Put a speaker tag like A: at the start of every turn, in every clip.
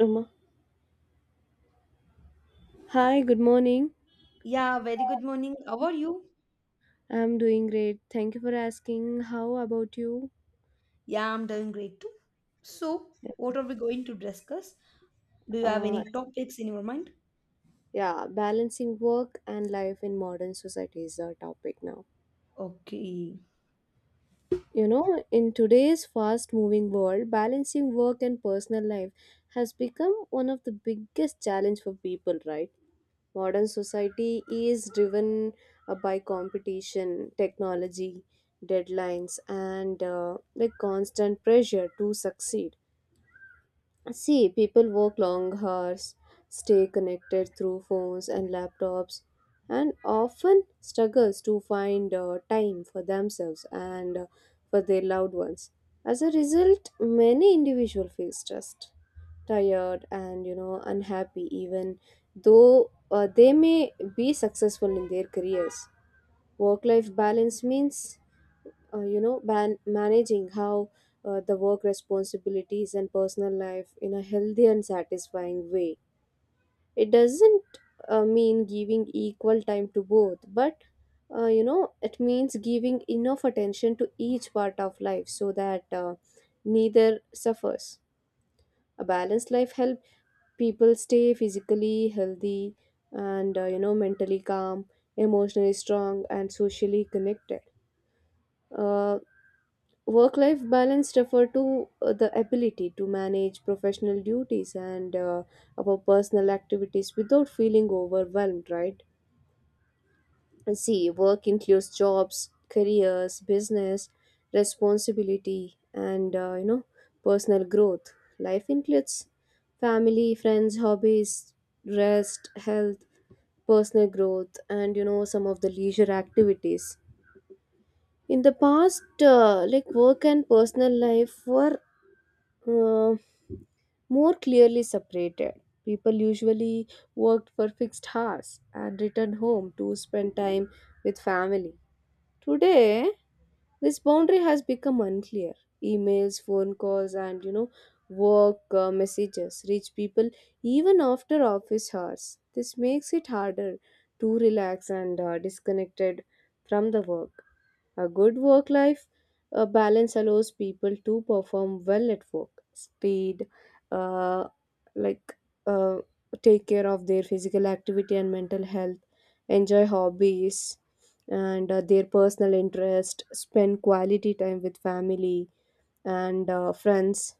A: Um, Hi, good morning.
B: Yeah, very good morning. How are you?
A: I'm doing great. Thank you for asking. How about you?
B: Yeah, I'm doing great too. So, what are we going to discuss? Do you have
A: Uh,
B: any topics in your mind?
A: yeah, balancing work and life in modern society is our topic now.
B: Okay.
A: In today's fast moving world, balancing work and personal life has become one of the biggest challenge for people, right? Modern society is driven by competition, technology, deadlines, and constant pressure to succeed. See, people work long hours, stay connected through phones and laptops, and often struggles to find time for themselves and for their loved ones. As a result, many individuals feel stressed, tired, and unhappy, even though they may be successful in their careers. Work-life balance means managing how the work responsibilities and personal life in a healthy and satisfying way. It doesn't mean giving equal time to both, but it means giving enough attention to each part of life so that neither suffers. A balanced life helps people stay physically healthy and, mentally calm, emotionally strong, and socially connected. Uh, Work life balance refer to the ability to manage professional duties and our personal activities without feeling overwhelmed, right? And see, work includes jobs, careers, business, responsibility, and personal growth. Life includes family, friends, hobbies, rest, health, personal growth, and some of the leisure activities. In the past, work and personal life were uh, more clearly separated. People usually worked for fixed hours and returned home to spend time with family. Today, this boundary has become unclear. Emails, phone calls, and work messages reach people even after office hours. This makes it harder to relax and disconnected from the work. A good work life balance allows people to perform well at work, speed, uh, like uh, take care of their physical activity and mental health, enjoy hobbies and their personal interest, spend quality time with family and friends.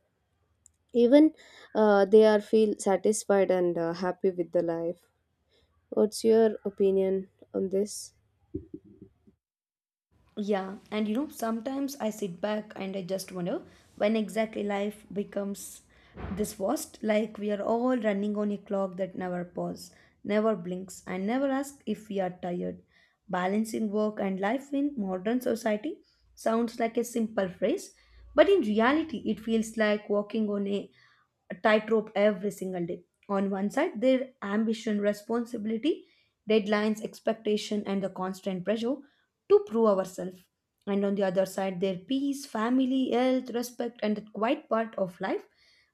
A: Even they are feel satisfied and happy with the life. What's your opinion on this?
B: Yeah, and you know, sometimes I sit back and I just wonder when exactly life becomes this vast, like we are all running on a clock that never pauses, never blinks, and never asks if we are tired. Balancing work and life in modern society sounds like a simple phrase, but in reality, it feels like walking on a tightrope every single day. On one side, their ambition, responsibility, deadlines, expectation, and the constant pressure to prove ourselves. And on the other side, their peace, family, health, respect, and that quiet part of life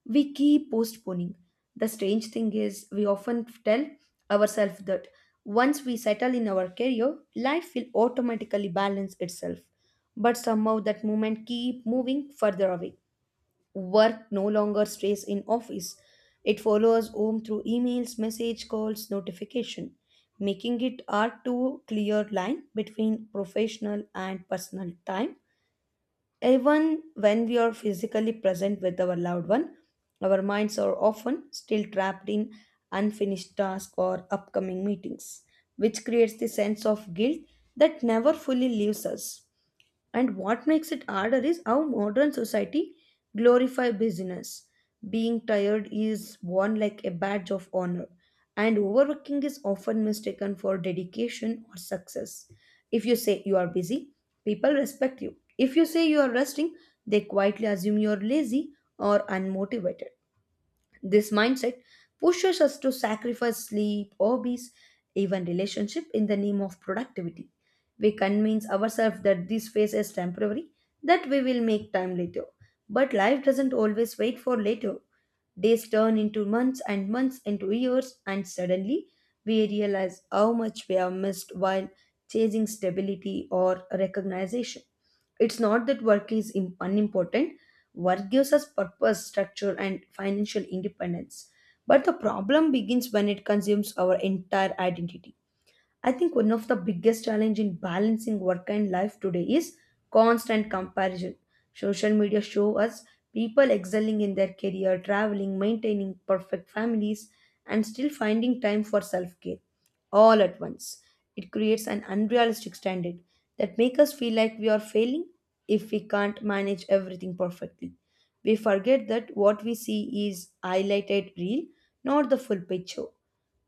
B: we keep postponing. The strange thing is, we often tell ourselves that once we settle in our career, life will automatically balance itself. But somehow that moment keep moving further away. Work no longer stays in office. It follows home through emails, message calls, notification, making it hard to clear line between professional and personal time. Even when we are physically present with our loved one, our minds are often still trapped in unfinished tasks or upcoming meetings, which creates the sense of guilt that never fully leaves us. And what makes it harder is how modern society glorify business. Being tired is worn like a badge of honor, and overworking is often mistaken for dedication or success. If you say you are busy, people respect you. If you say you are resting, they quietly assume you are lazy or unmotivated. This mindset pushes us to sacrifice sleep, hobbies, even relationship in the name of productivity. We convince ourselves that this phase is temporary, that we will make time later. But life doesn't always wait for later. Days turn into months and months into years, and suddenly we realize how much we have missed while chasing stability or recognition. It's not that work is unimportant. Work gives us purpose, structure, and financial independence. But the problem begins when it consumes our entire identity. I think one of the biggest challenge in balancing work and life today is constant comparison. Social media show us people excelling in their career, traveling, maintaining perfect families, and still finding time for self-care all at once. It creates an unrealistic standard that makes us feel like we are failing if we can't manage everything perfectly. We forget that what we see is highlighted real, not the full picture.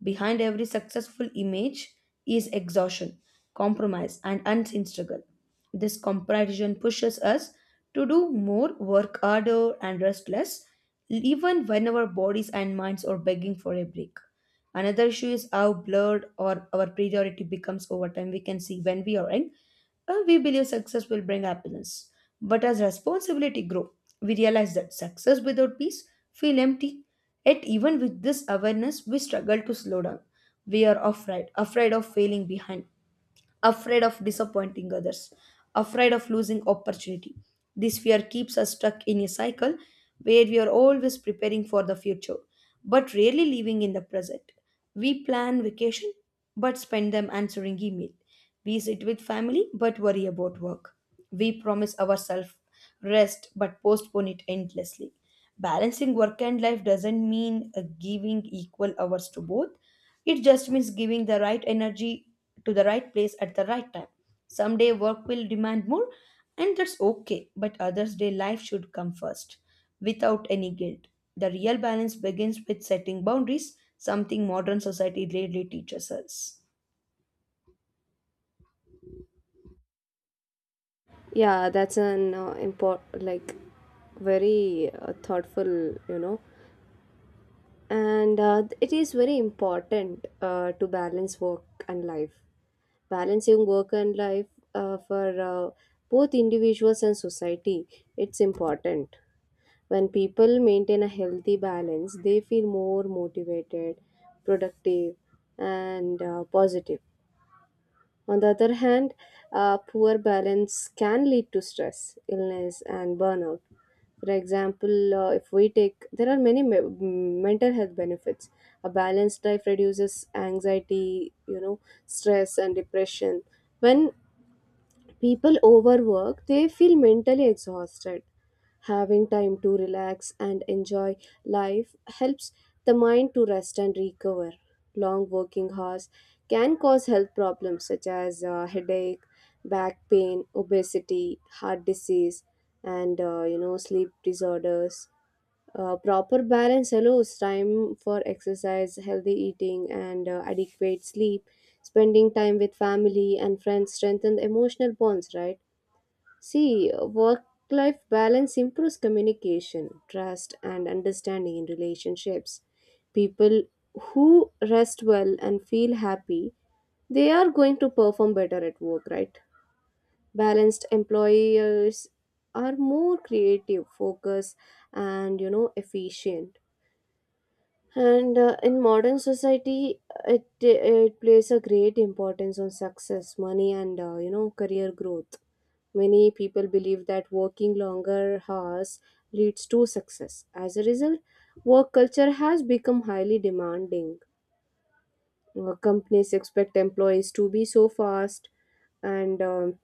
B: Behind every successful image is exhaustion, compromise, and unseen struggle. This comparison pushes us to do more, work harder, and rest less, even when our bodies and minds are begging for a break. Another issue is how blurred or our priority becomes over time. We can see when we are young, we believe success will bring happiness. But as responsibility grow, we realize that success without peace feel empty. Yet, even with this awareness, we struggle to slow down. We are afraid, afraid of failing behind, afraid of disappointing others, afraid of losing opportunity. This fear keeps us stuck in a cycle where we are always preparing for the future, but rarely living in the present. We plan vacation, but spend them answering email. We sit with family, but worry about work. We promise ourselves rest, but postpone it endlessly. Balancing work and life doesn't mean giving equal hours to both. It just means giving the right energy to the right place at the right time. Someday work will demand more, and that's okay, but others' day life should come first without any guilt. The real balance begins with setting boundaries, something modern society rarely teaches us.
A: Yeah, that's an import like very thoughtful, you know, and it is very important to balance work and life. Balancing work and life for both individuals and society, it's important. When people maintain a healthy balance, they feel more motivated, productive, and positive. On the other hand, a poor balance can lead to stress, illness, and burnout. For example, if we take, there are many mental health benefits. A balanced life reduces anxiety, stress and depression. When people overwork, they feel mentally exhausted. Having time to relax and enjoy life helps the mind to rest and recover. Long working hours can cause health problems such as headache, back pain, obesity, heart disease, and sleep disorders. Proper balance allows time for exercise, healthy eating, and adequate sleep. Spending time with family and friends strengthen emotional bonds, right? See, work life balance improves communication, trust, and understanding in relationships. People who rest well and feel happy, they are going to perform better at work, right? Balanced employers are more creative, focused, and efficient. And in modern society, it plays a great importance on success, money, and career growth. Many people believe that working longer hours leads to success. As a result, work culture has become highly demanding. Companies expect employees to be so fast and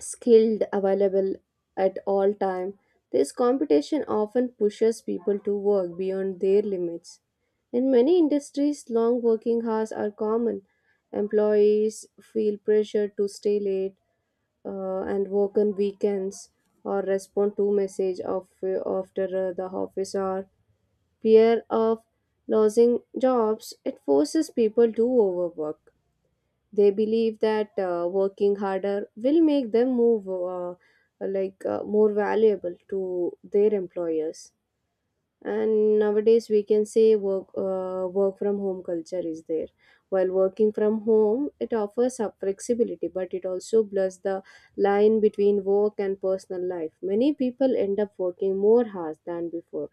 A: skilled, available at all time. This competition often pushes people to work beyond their limits. In many industries, long working hours are common. Employees feel pressure to stay late and work on weekends, or respond to message of after the office, or fear of losing jobs, it forces people to overwork. They believe that working harder will make them move more valuable to their employers. And nowadays we can say work from home culture is there. While working from home, it offers a flexibility, but it also blurs the line between work and personal life. Many people end up working more hours than before.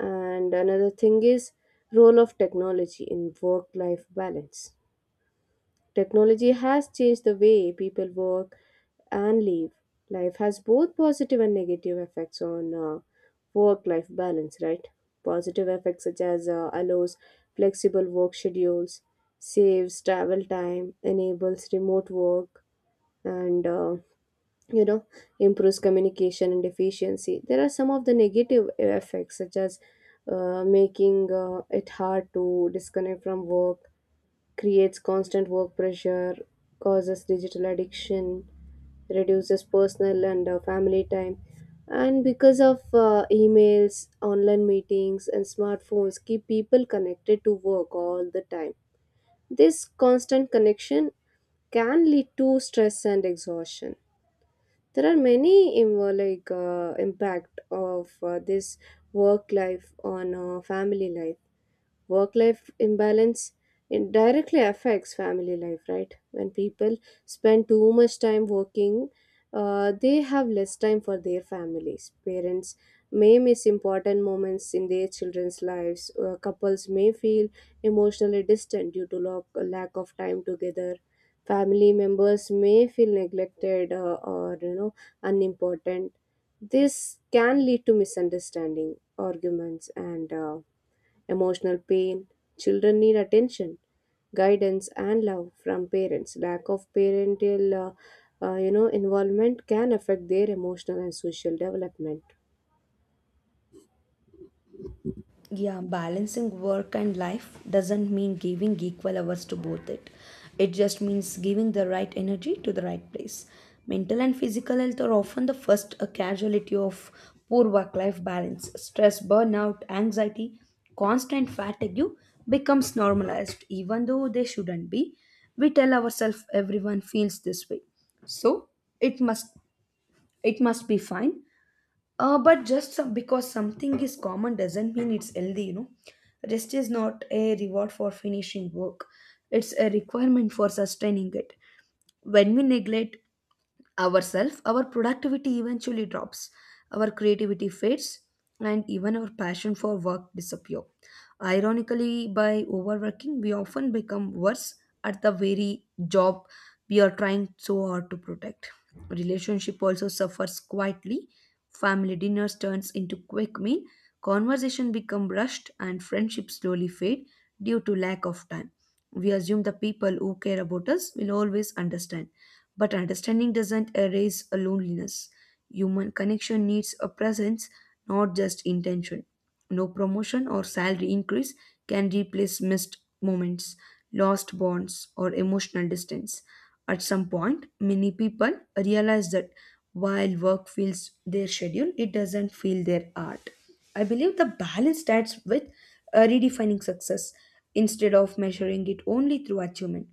A: And another thing is role of technology in work life balance. Technology has changed the way people work and live. Life has both positive and negative effects on work-life balance, right? Positive effects such as allows flexible work schedules, saves travel time, enables remote work, and you know improves communication and efficiency. There are some of the negative effects such as making it hard to disconnect from work, creates constant work pressure, causes digital addiction, reduces personal and family time. And because of emails, online meetings, and smartphones, keep people connected to work all the time. This constant connection can lead to stress and exhaustion. There are many impact of this work life on family life. Work life imbalance, it directly affects family life, right? When people spend too much time working, they have less time for their families. Parents may miss important moments in their children's lives. Couples may feel emotionally distant due to lack of time together. Family members may feel neglected, or unimportant. This can lead to misunderstanding, arguments, and emotional pain. Children need attention, guidance, and love from parents. Lack of parental involvement can affect their emotional and social development.
B: Yeah, balancing work and life doesn't mean giving equal hours to both it. It just means giving the right energy to the right place. Mental and physical health are often the first casualty of poor work life balance. Stress, burnout, anxiety, constant fatigue becomes normalized even though they shouldn't be. We tell ourselves everyone feels this way. So, it must it must be fine, but just some, because something is common doesn't mean it's healthy, you know. Rest is not a reward for finishing work, it's a requirement for sustaining it. When we neglect ourselves, our productivity eventually drops, our creativity fades, and even our passion for work disappear. Ironically, by overworking, we often become worse at the very job we are trying so hard to protect. Relationship also suffers quietly. Family dinners turns into quick meal. Conversation become rushed, and friendships slowly fade due to lack of time. We assume the people who care about us will always understand. But understanding doesn't erase a loneliness. Human connection needs a presence, not just intention. No promotion or salary increase can replace missed moments, lost bonds, or emotional distance. At some point, many people realize that while work fills their schedule, it doesn't fill their heart. I believe the balance starts with redefining success instead of measuring it only through achievement,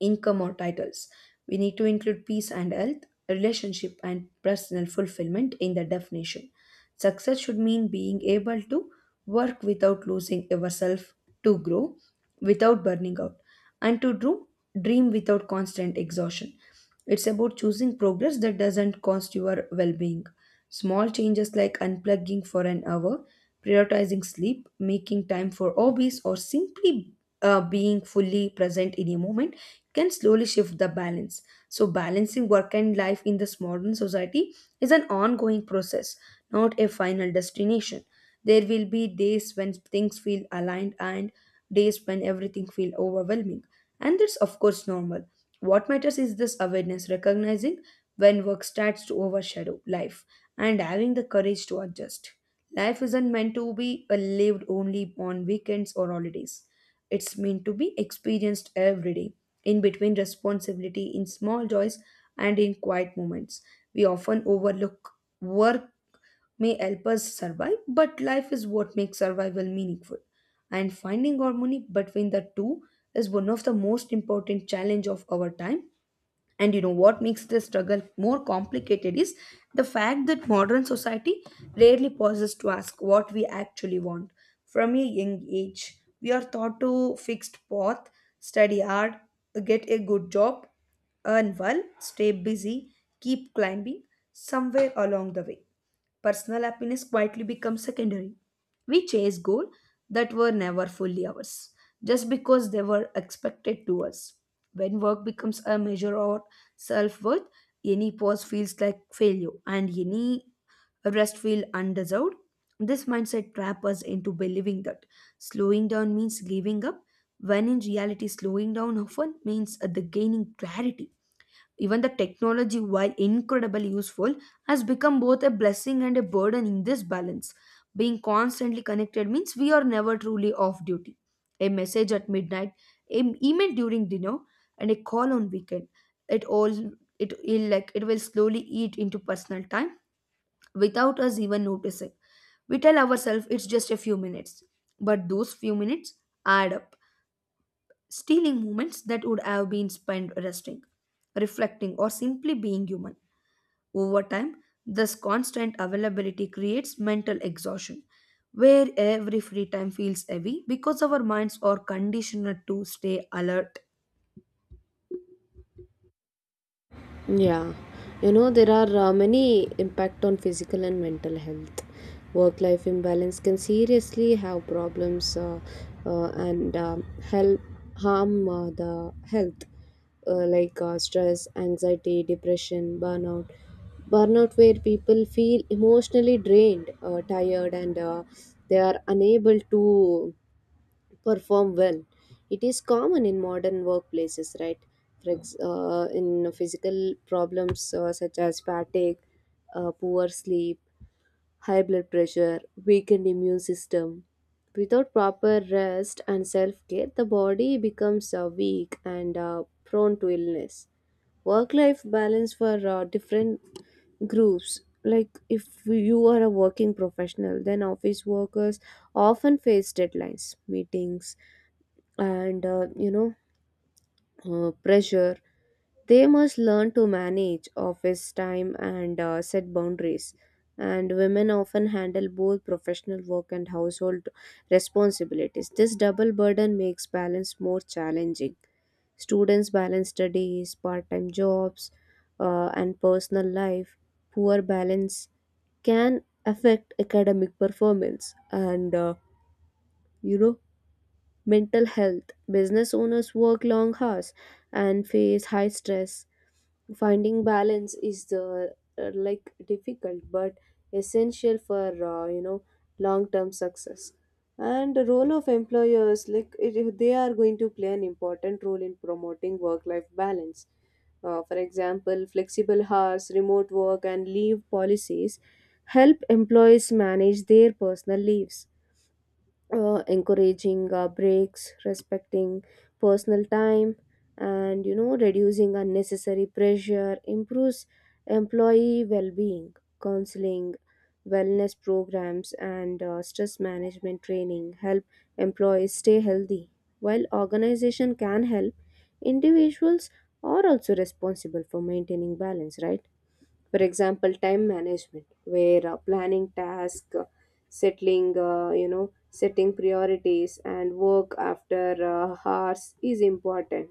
B: income or titles. We need to include peace and health, relationship and personal fulfillment in the definition. Success should mean being able to work without losing yourself, to grow, without burning out, and to do, dream without constant exhaustion. It's about choosing progress that doesn't cost your well being. Small changes like unplugging for an hour, prioritizing sleep, making time for hobbies, or simply being fully present in a moment can slowly shift the balance. So, balancing work and life in this modern society is an ongoing process, not a final destination. There will be days when things feel aligned and days when everything feels overwhelming. And that's, of course, normal. What matters is this awareness, recognizing when work starts to overshadow life and having the courage to adjust. Life isn't meant to be lived only on weekends or holidays. It's meant to be experienced every day, in between responsibility, in small joys, and in quiet moments. We often overlook work may help us survive, but life is what makes survival meaningful. And finding harmony between the two is one of the most important challenge of our time. And you know what makes this struggle more complicated is the fact that modern society rarely pauses to ask what we actually want. From a young age, we are taught to fixed path, study hard, get a good job, earn well, stay busy, keep climbing somewhere along the way. Personal happiness quietly becomes secondary. We chase goals that were never fully ours just because they were expected to us. When work becomes a measure of self worth, any pause feels like failure, and any rest feels undeserved. This mindset traps us into believing that slowing down means giving up, when in reality, slowing down often means the gaining clarity. Even the technology, while incredibly useful, has become both a blessing and a burden in this balance. Being constantly connected means we are never truly off duty. A message at midnight, an email during dinner, and a call on weekend. It all it will like it will slowly eat into personal time without us even noticing. We tell ourselves it's just a few minutes, but those few minutes add up, stealing moments that would have been spent resting, reflecting, or simply being human. Over time, this constant availability creates mental exhaustion, where every free time feels heavy because our minds are conditioned to stay alert.
A: Yeah, there are many impact on physical and mental health. Work life imbalance can seriously have problems, and help harm the health, stress, anxiety, depression, burnout. Burnout, where people feel emotionally drained, tired, and they are unable to perform well. It is common in modern workplaces, right? In physical problems, such as fatigue, poor sleep, high blood pressure, weakened immune system. Without proper rest and self care, the body becomes weak and prone to illness. Work life balance for different groups. Like if you are a working professional, then office workers often face deadlines, meetings, and pressure. They must learn to manage office time and set boundaries. And women often handle both professional work and household responsibilities. This double burden makes balance more challenging. Students balance studies, part-time jobs, and personal life. Poor balance can affect academic performance and you know mental health. Business owners work long hours and face high stress. Finding balance is the difficult, but essential for uh, you know long-term success. And the role of employers, like it, they are going to play an important role in promoting work-life balance. For example, flexible hours, remote work, and leave policies help employees manage their personal leaves. Encouraging breaks, respecting personal time, and reducing unnecessary pressure improves employee well being. Counseling, wellness programs, and stress management training help employees stay healthy. While organization can help, individuals are also responsible for maintaining balance, right? For example, time management where planning tasks, settling you know setting priorities, and work after hours is important.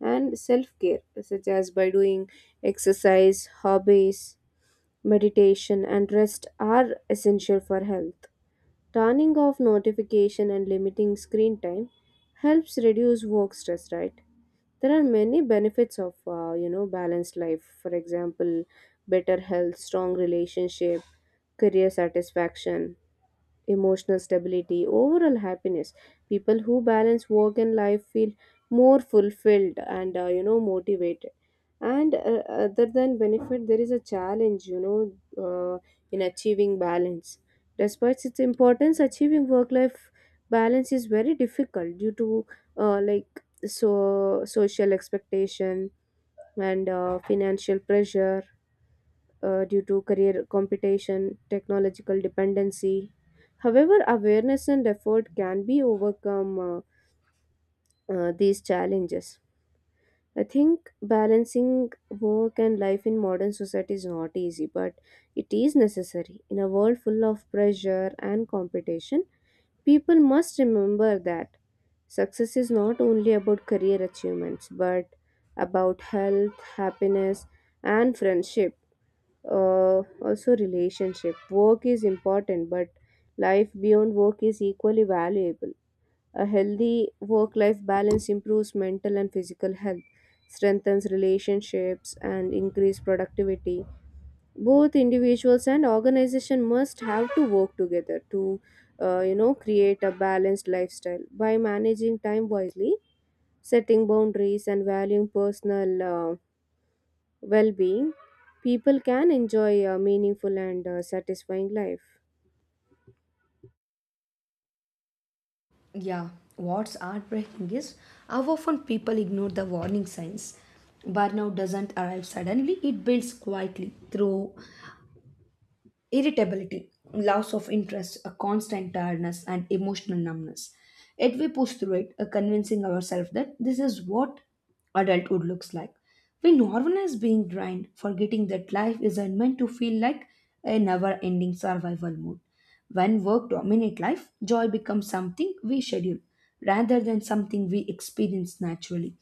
A: And self-care, such as by doing exercise, hobbies, meditation, and rest are essential for health. Turning off notification and limiting screen time helps reduce work stress, right? There are many benefits of balanced life. For example, better health, strong relationship, career satisfaction, emotional stability, overall happiness. People who balance work and life feel more fulfilled and motivated. And other than benefit, there is a challenge, uh, in achieving balance. Despite its importance, achieving work-life balance is very difficult due to social expectation and financial pressure, due to career competition, technological dependency. However, awareness and effort can be overcome these challenges. I think balancing work and life in modern society is not easy, but it is necessary. In a world full of pressure and competition, people must remember that success is not only about career achievements, but about health, happiness, and friendship, uh, also relationship. Work is important, but life beyond work is equally valuable. A healthy work life balance improves mental and physical health, strengthens relationships, and increase productivity. Both individuals and organization must have to work together to create a balanced lifestyle. By managing time wisely, setting boundaries, and valuing personal well being, people can enjoy a meaningful and satisfying life.
B: Yeah, what's heartbreaking is how often people ignore the warning signs. Burnout doesn't arrive suddenly, it builds quietly through irritability, loss of interest, a constant tiredness, and emotional numbness. Yet we push through it, convincing ourselves that this is what adulthood looks like. We normalize being drained, forgetting that life isn't meant to feel like a never ending survival mode. When work dominates life, joy becomes something we schedule rather than something we experience naturally.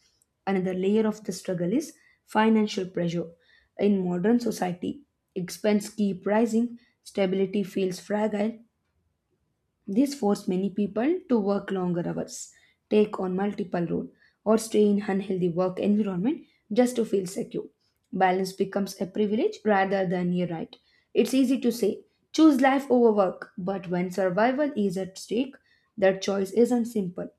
B: Another layer of the struggle is financial pressure. In modern society, expense keep rising, stability feels fragile, this forced many people to work longer hours, take on multiple roles, or stay in unhealthy work environment just to feel secure. Balance becomes a privilege rather than a right. It's easy to say, choose life over work, but when survival is at stake, that choice isn't simple.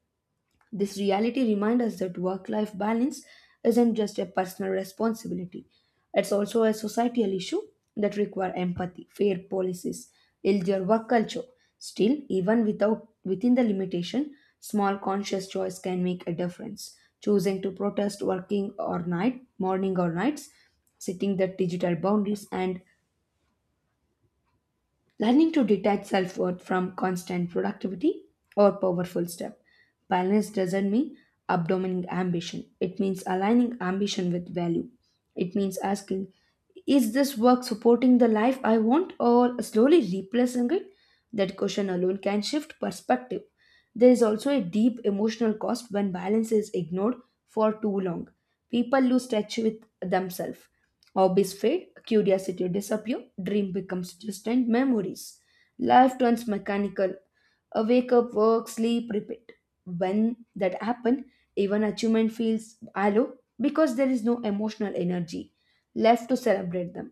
B: This reality reminds us that work life balance isn't just a personal responsibility, it's also a societal issue that requires empathy, fair policies, healthier work culture. Still, even without within the limitation, small conscious choice can make a difference. Choosing to protest working or night, morning or nights, setting the digital boundaries and learning to detach self worth from constant productivity or powerful step. Balance doesn't mean abdomining ambition, it means aligning ambition with value. It means asking, is this work supporting the life I want or slowly replacing it? That question alone can shift perspective. There is also a deep emotional cost when balance is ignored for too long. People lose touch with themselves. Hobbies fade, curiosity disappear, dream becomes distant memories. Life turns mechanical. A wake up, work, sleep, repeat. When that happens, even achievement feels hollow because there is no emotional energy left to celebrate them.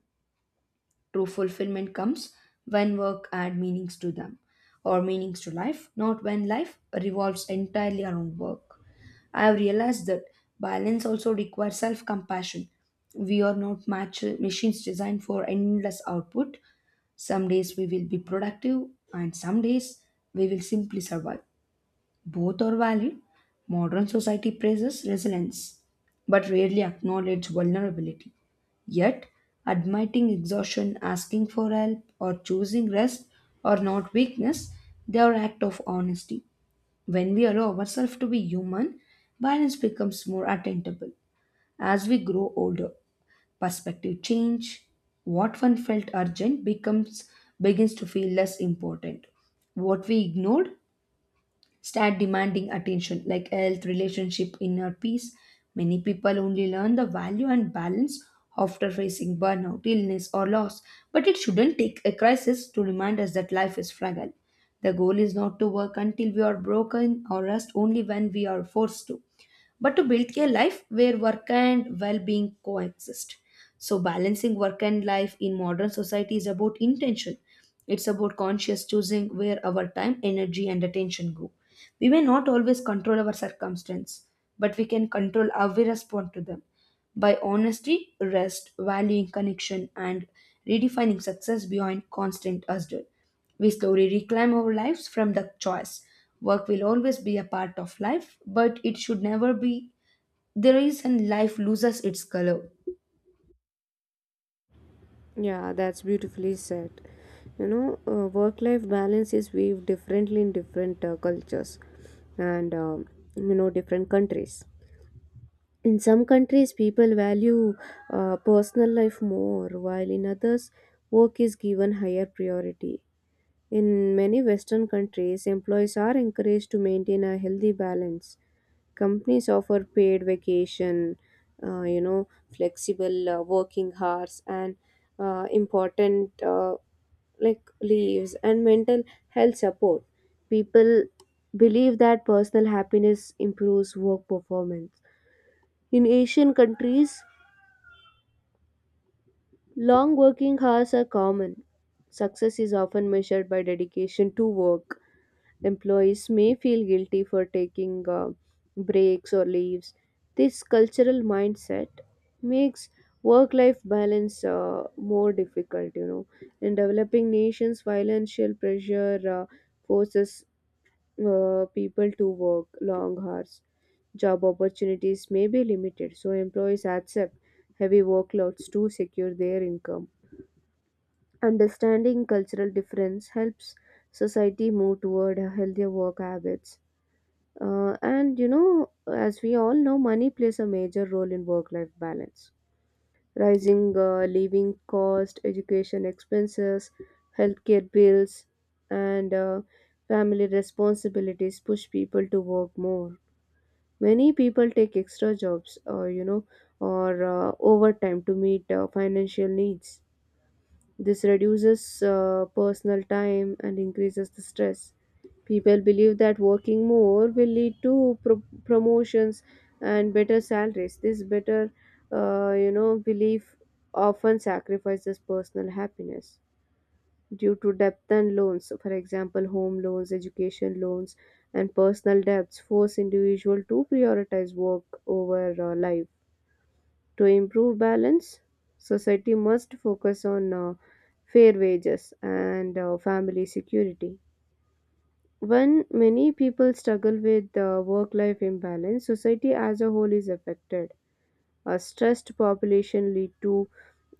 B: True fulfillment comes when work adds meanings to them or meanings to life, not when life revolves entirely around work. I have realized that balance also requires self compassion. We are not machines designed for endless output. Some days we will be productive, and some days we will simply survive. Both are valid. Modern society praises resilience but rarely acknowledges vulnerability. Yet, admitting exhaustion, asking for help, or choosing rest are not weakness, they are acts of honesty. When we allow ourselves to be human, balance becomes more attainable. As we grow older, perspective change. What one felt urgent becomes begins to feel less important. What we ignored start demanding attention like health, relationship, inner peace. Many people only learn the value and balance after facing burnout, illness, or loss. But it shouldn't take a crisis to remind us that life is fragile. The goal is not to work until we are broken or rest only when we are forced to, but to build a life where work and well being coexist. So, balancing work and life in modern society is about intention. It's about conscious choosing where our time, energy, and attention go. We may not always control our circumstance, but we can control how we respond to them by honesty, rest, valuing connection, and redefining success beyond constant hustle. We slowly reclaim our lives from the choice. Work will always be a part of life, but it should never be the reason life loses its color.
A: Yeah, that's beautifully said. Work life balance is viewed differently in different cultures and, different countries. In some countries, people value personal life more, while in others, work is given higher priority. In many Western countries, employees are encouraged to maintain a healthy balance. Companies offer paid vacation, uh, you know, flexible working hours, and important leaves and mental health support. People believe that personal happiness improves work performance. In Asian countries, long working hours are common. Success is often measured by dedication to work. Employees may feel guilty for taking breaks or leaves. This cultural mindset makes work life balance more difficult, you know. In developing nations, financial pressure forces people to work long hours. Job opportunities may be limited, so employees accept heavy workloads to secure their income. Understanding cultural difference helps society move toward healthier work habits. And as we all know, money plays a major role in work life balance. Rising living cost, education expenses, healthcare bills, and family responsibilities push people to work more. Many people take extra jobs or, overtime to meet financial needs. This reduces personal time and increases the stress. People believe that working more will lead to promotions and better salaries. This belief often sacrifices personal happiness due to debt and loans. For example, home loans, education loans, and personal debts force individual to prioritize work over life. To improve balance, society must focus on fair wages and family security. When many people struggle with work life imbalance, society as a whole is affected. A stressed population lead to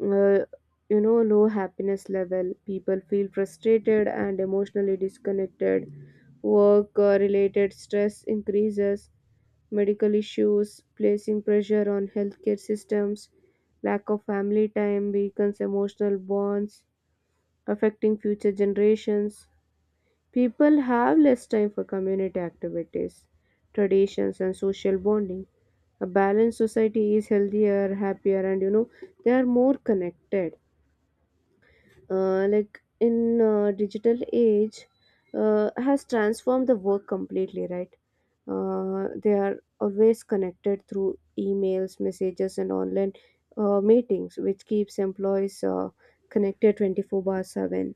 A: uh, low happiness level. People feel frustrated and emotionally disconnected. Work related stress increases. Medical issues placing pressure on healthcare systems. Lack of family time weakens emotional bonds, affecting future generations. People have less time for community activities, traditions, and social bonding. A balanced society is healthier, happier, and they are more connected. In digital age, has transformed the work completely, right? They are always connected through emails, messages, and online meetings, which keeps employees connected 24/7,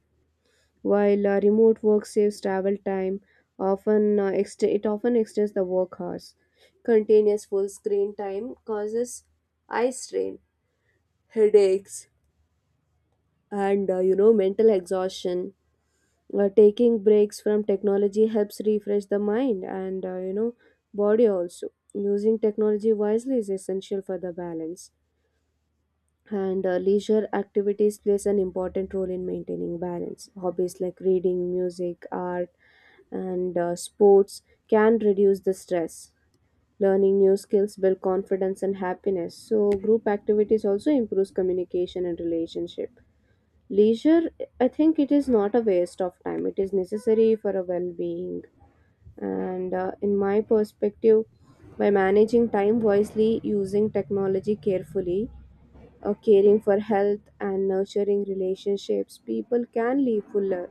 A: while remote work saves travel time, often it often extends the work hours. Continuous full screen time causes eye strain, headaches, and mental exhaustion. Taking breaks from technology helps refresh the mind and body also. Using technology wisely is essential for the balance. And leisure activities plays an important role in maintaining balance. Hobbies like reading, music, art, and sports can reduce the stress. Learning new skills build confidence and happiness, so group activities also improves communication and relationship. Leisure, I think it is not a waste of time, it is necessary for a well-being. And in my perspective, by managing time wisely, using technology carefully, caring for health and nurturing relationships, people can live fuller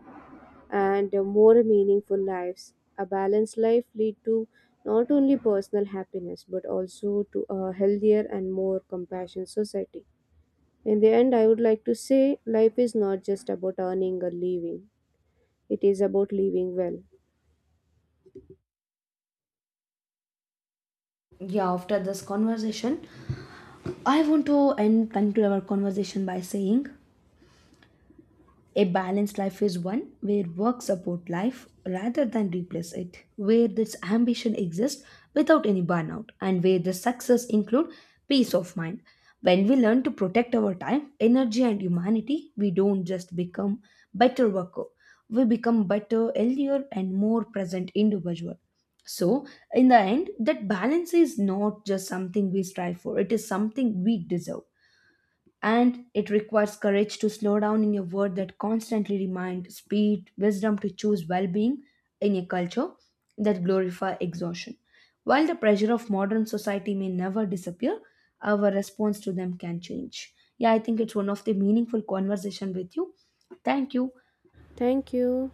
A: and more meaningful lives. A balanced life lead to not only personal happiness but also to a healthier and more compassionate society. In the end, I would like to say life is not just about earning a living, it is about living well.
B: Yeah, after this conversation, I want to end conclude our conversation by saying a balanced life is one where work support life rather than replace it, where this ambition exists without any burnout, and where the success include peace of mind. When we learn to protect our time, energy, and humanity, we don't just become better worker. We become better, healthier, and more present individual. So, in the end, that balance is not just something we strive for; it is something we deserve, and it requires courage to slow down in your word that constantly remind speed wisdom to choose well-being in a culture that glorify exhaustion. While the pressure of modern society may never disappear, our response to them can change. Yeah, I think it's one of the meaningful conversation with you. Thank you.
A: Thank you.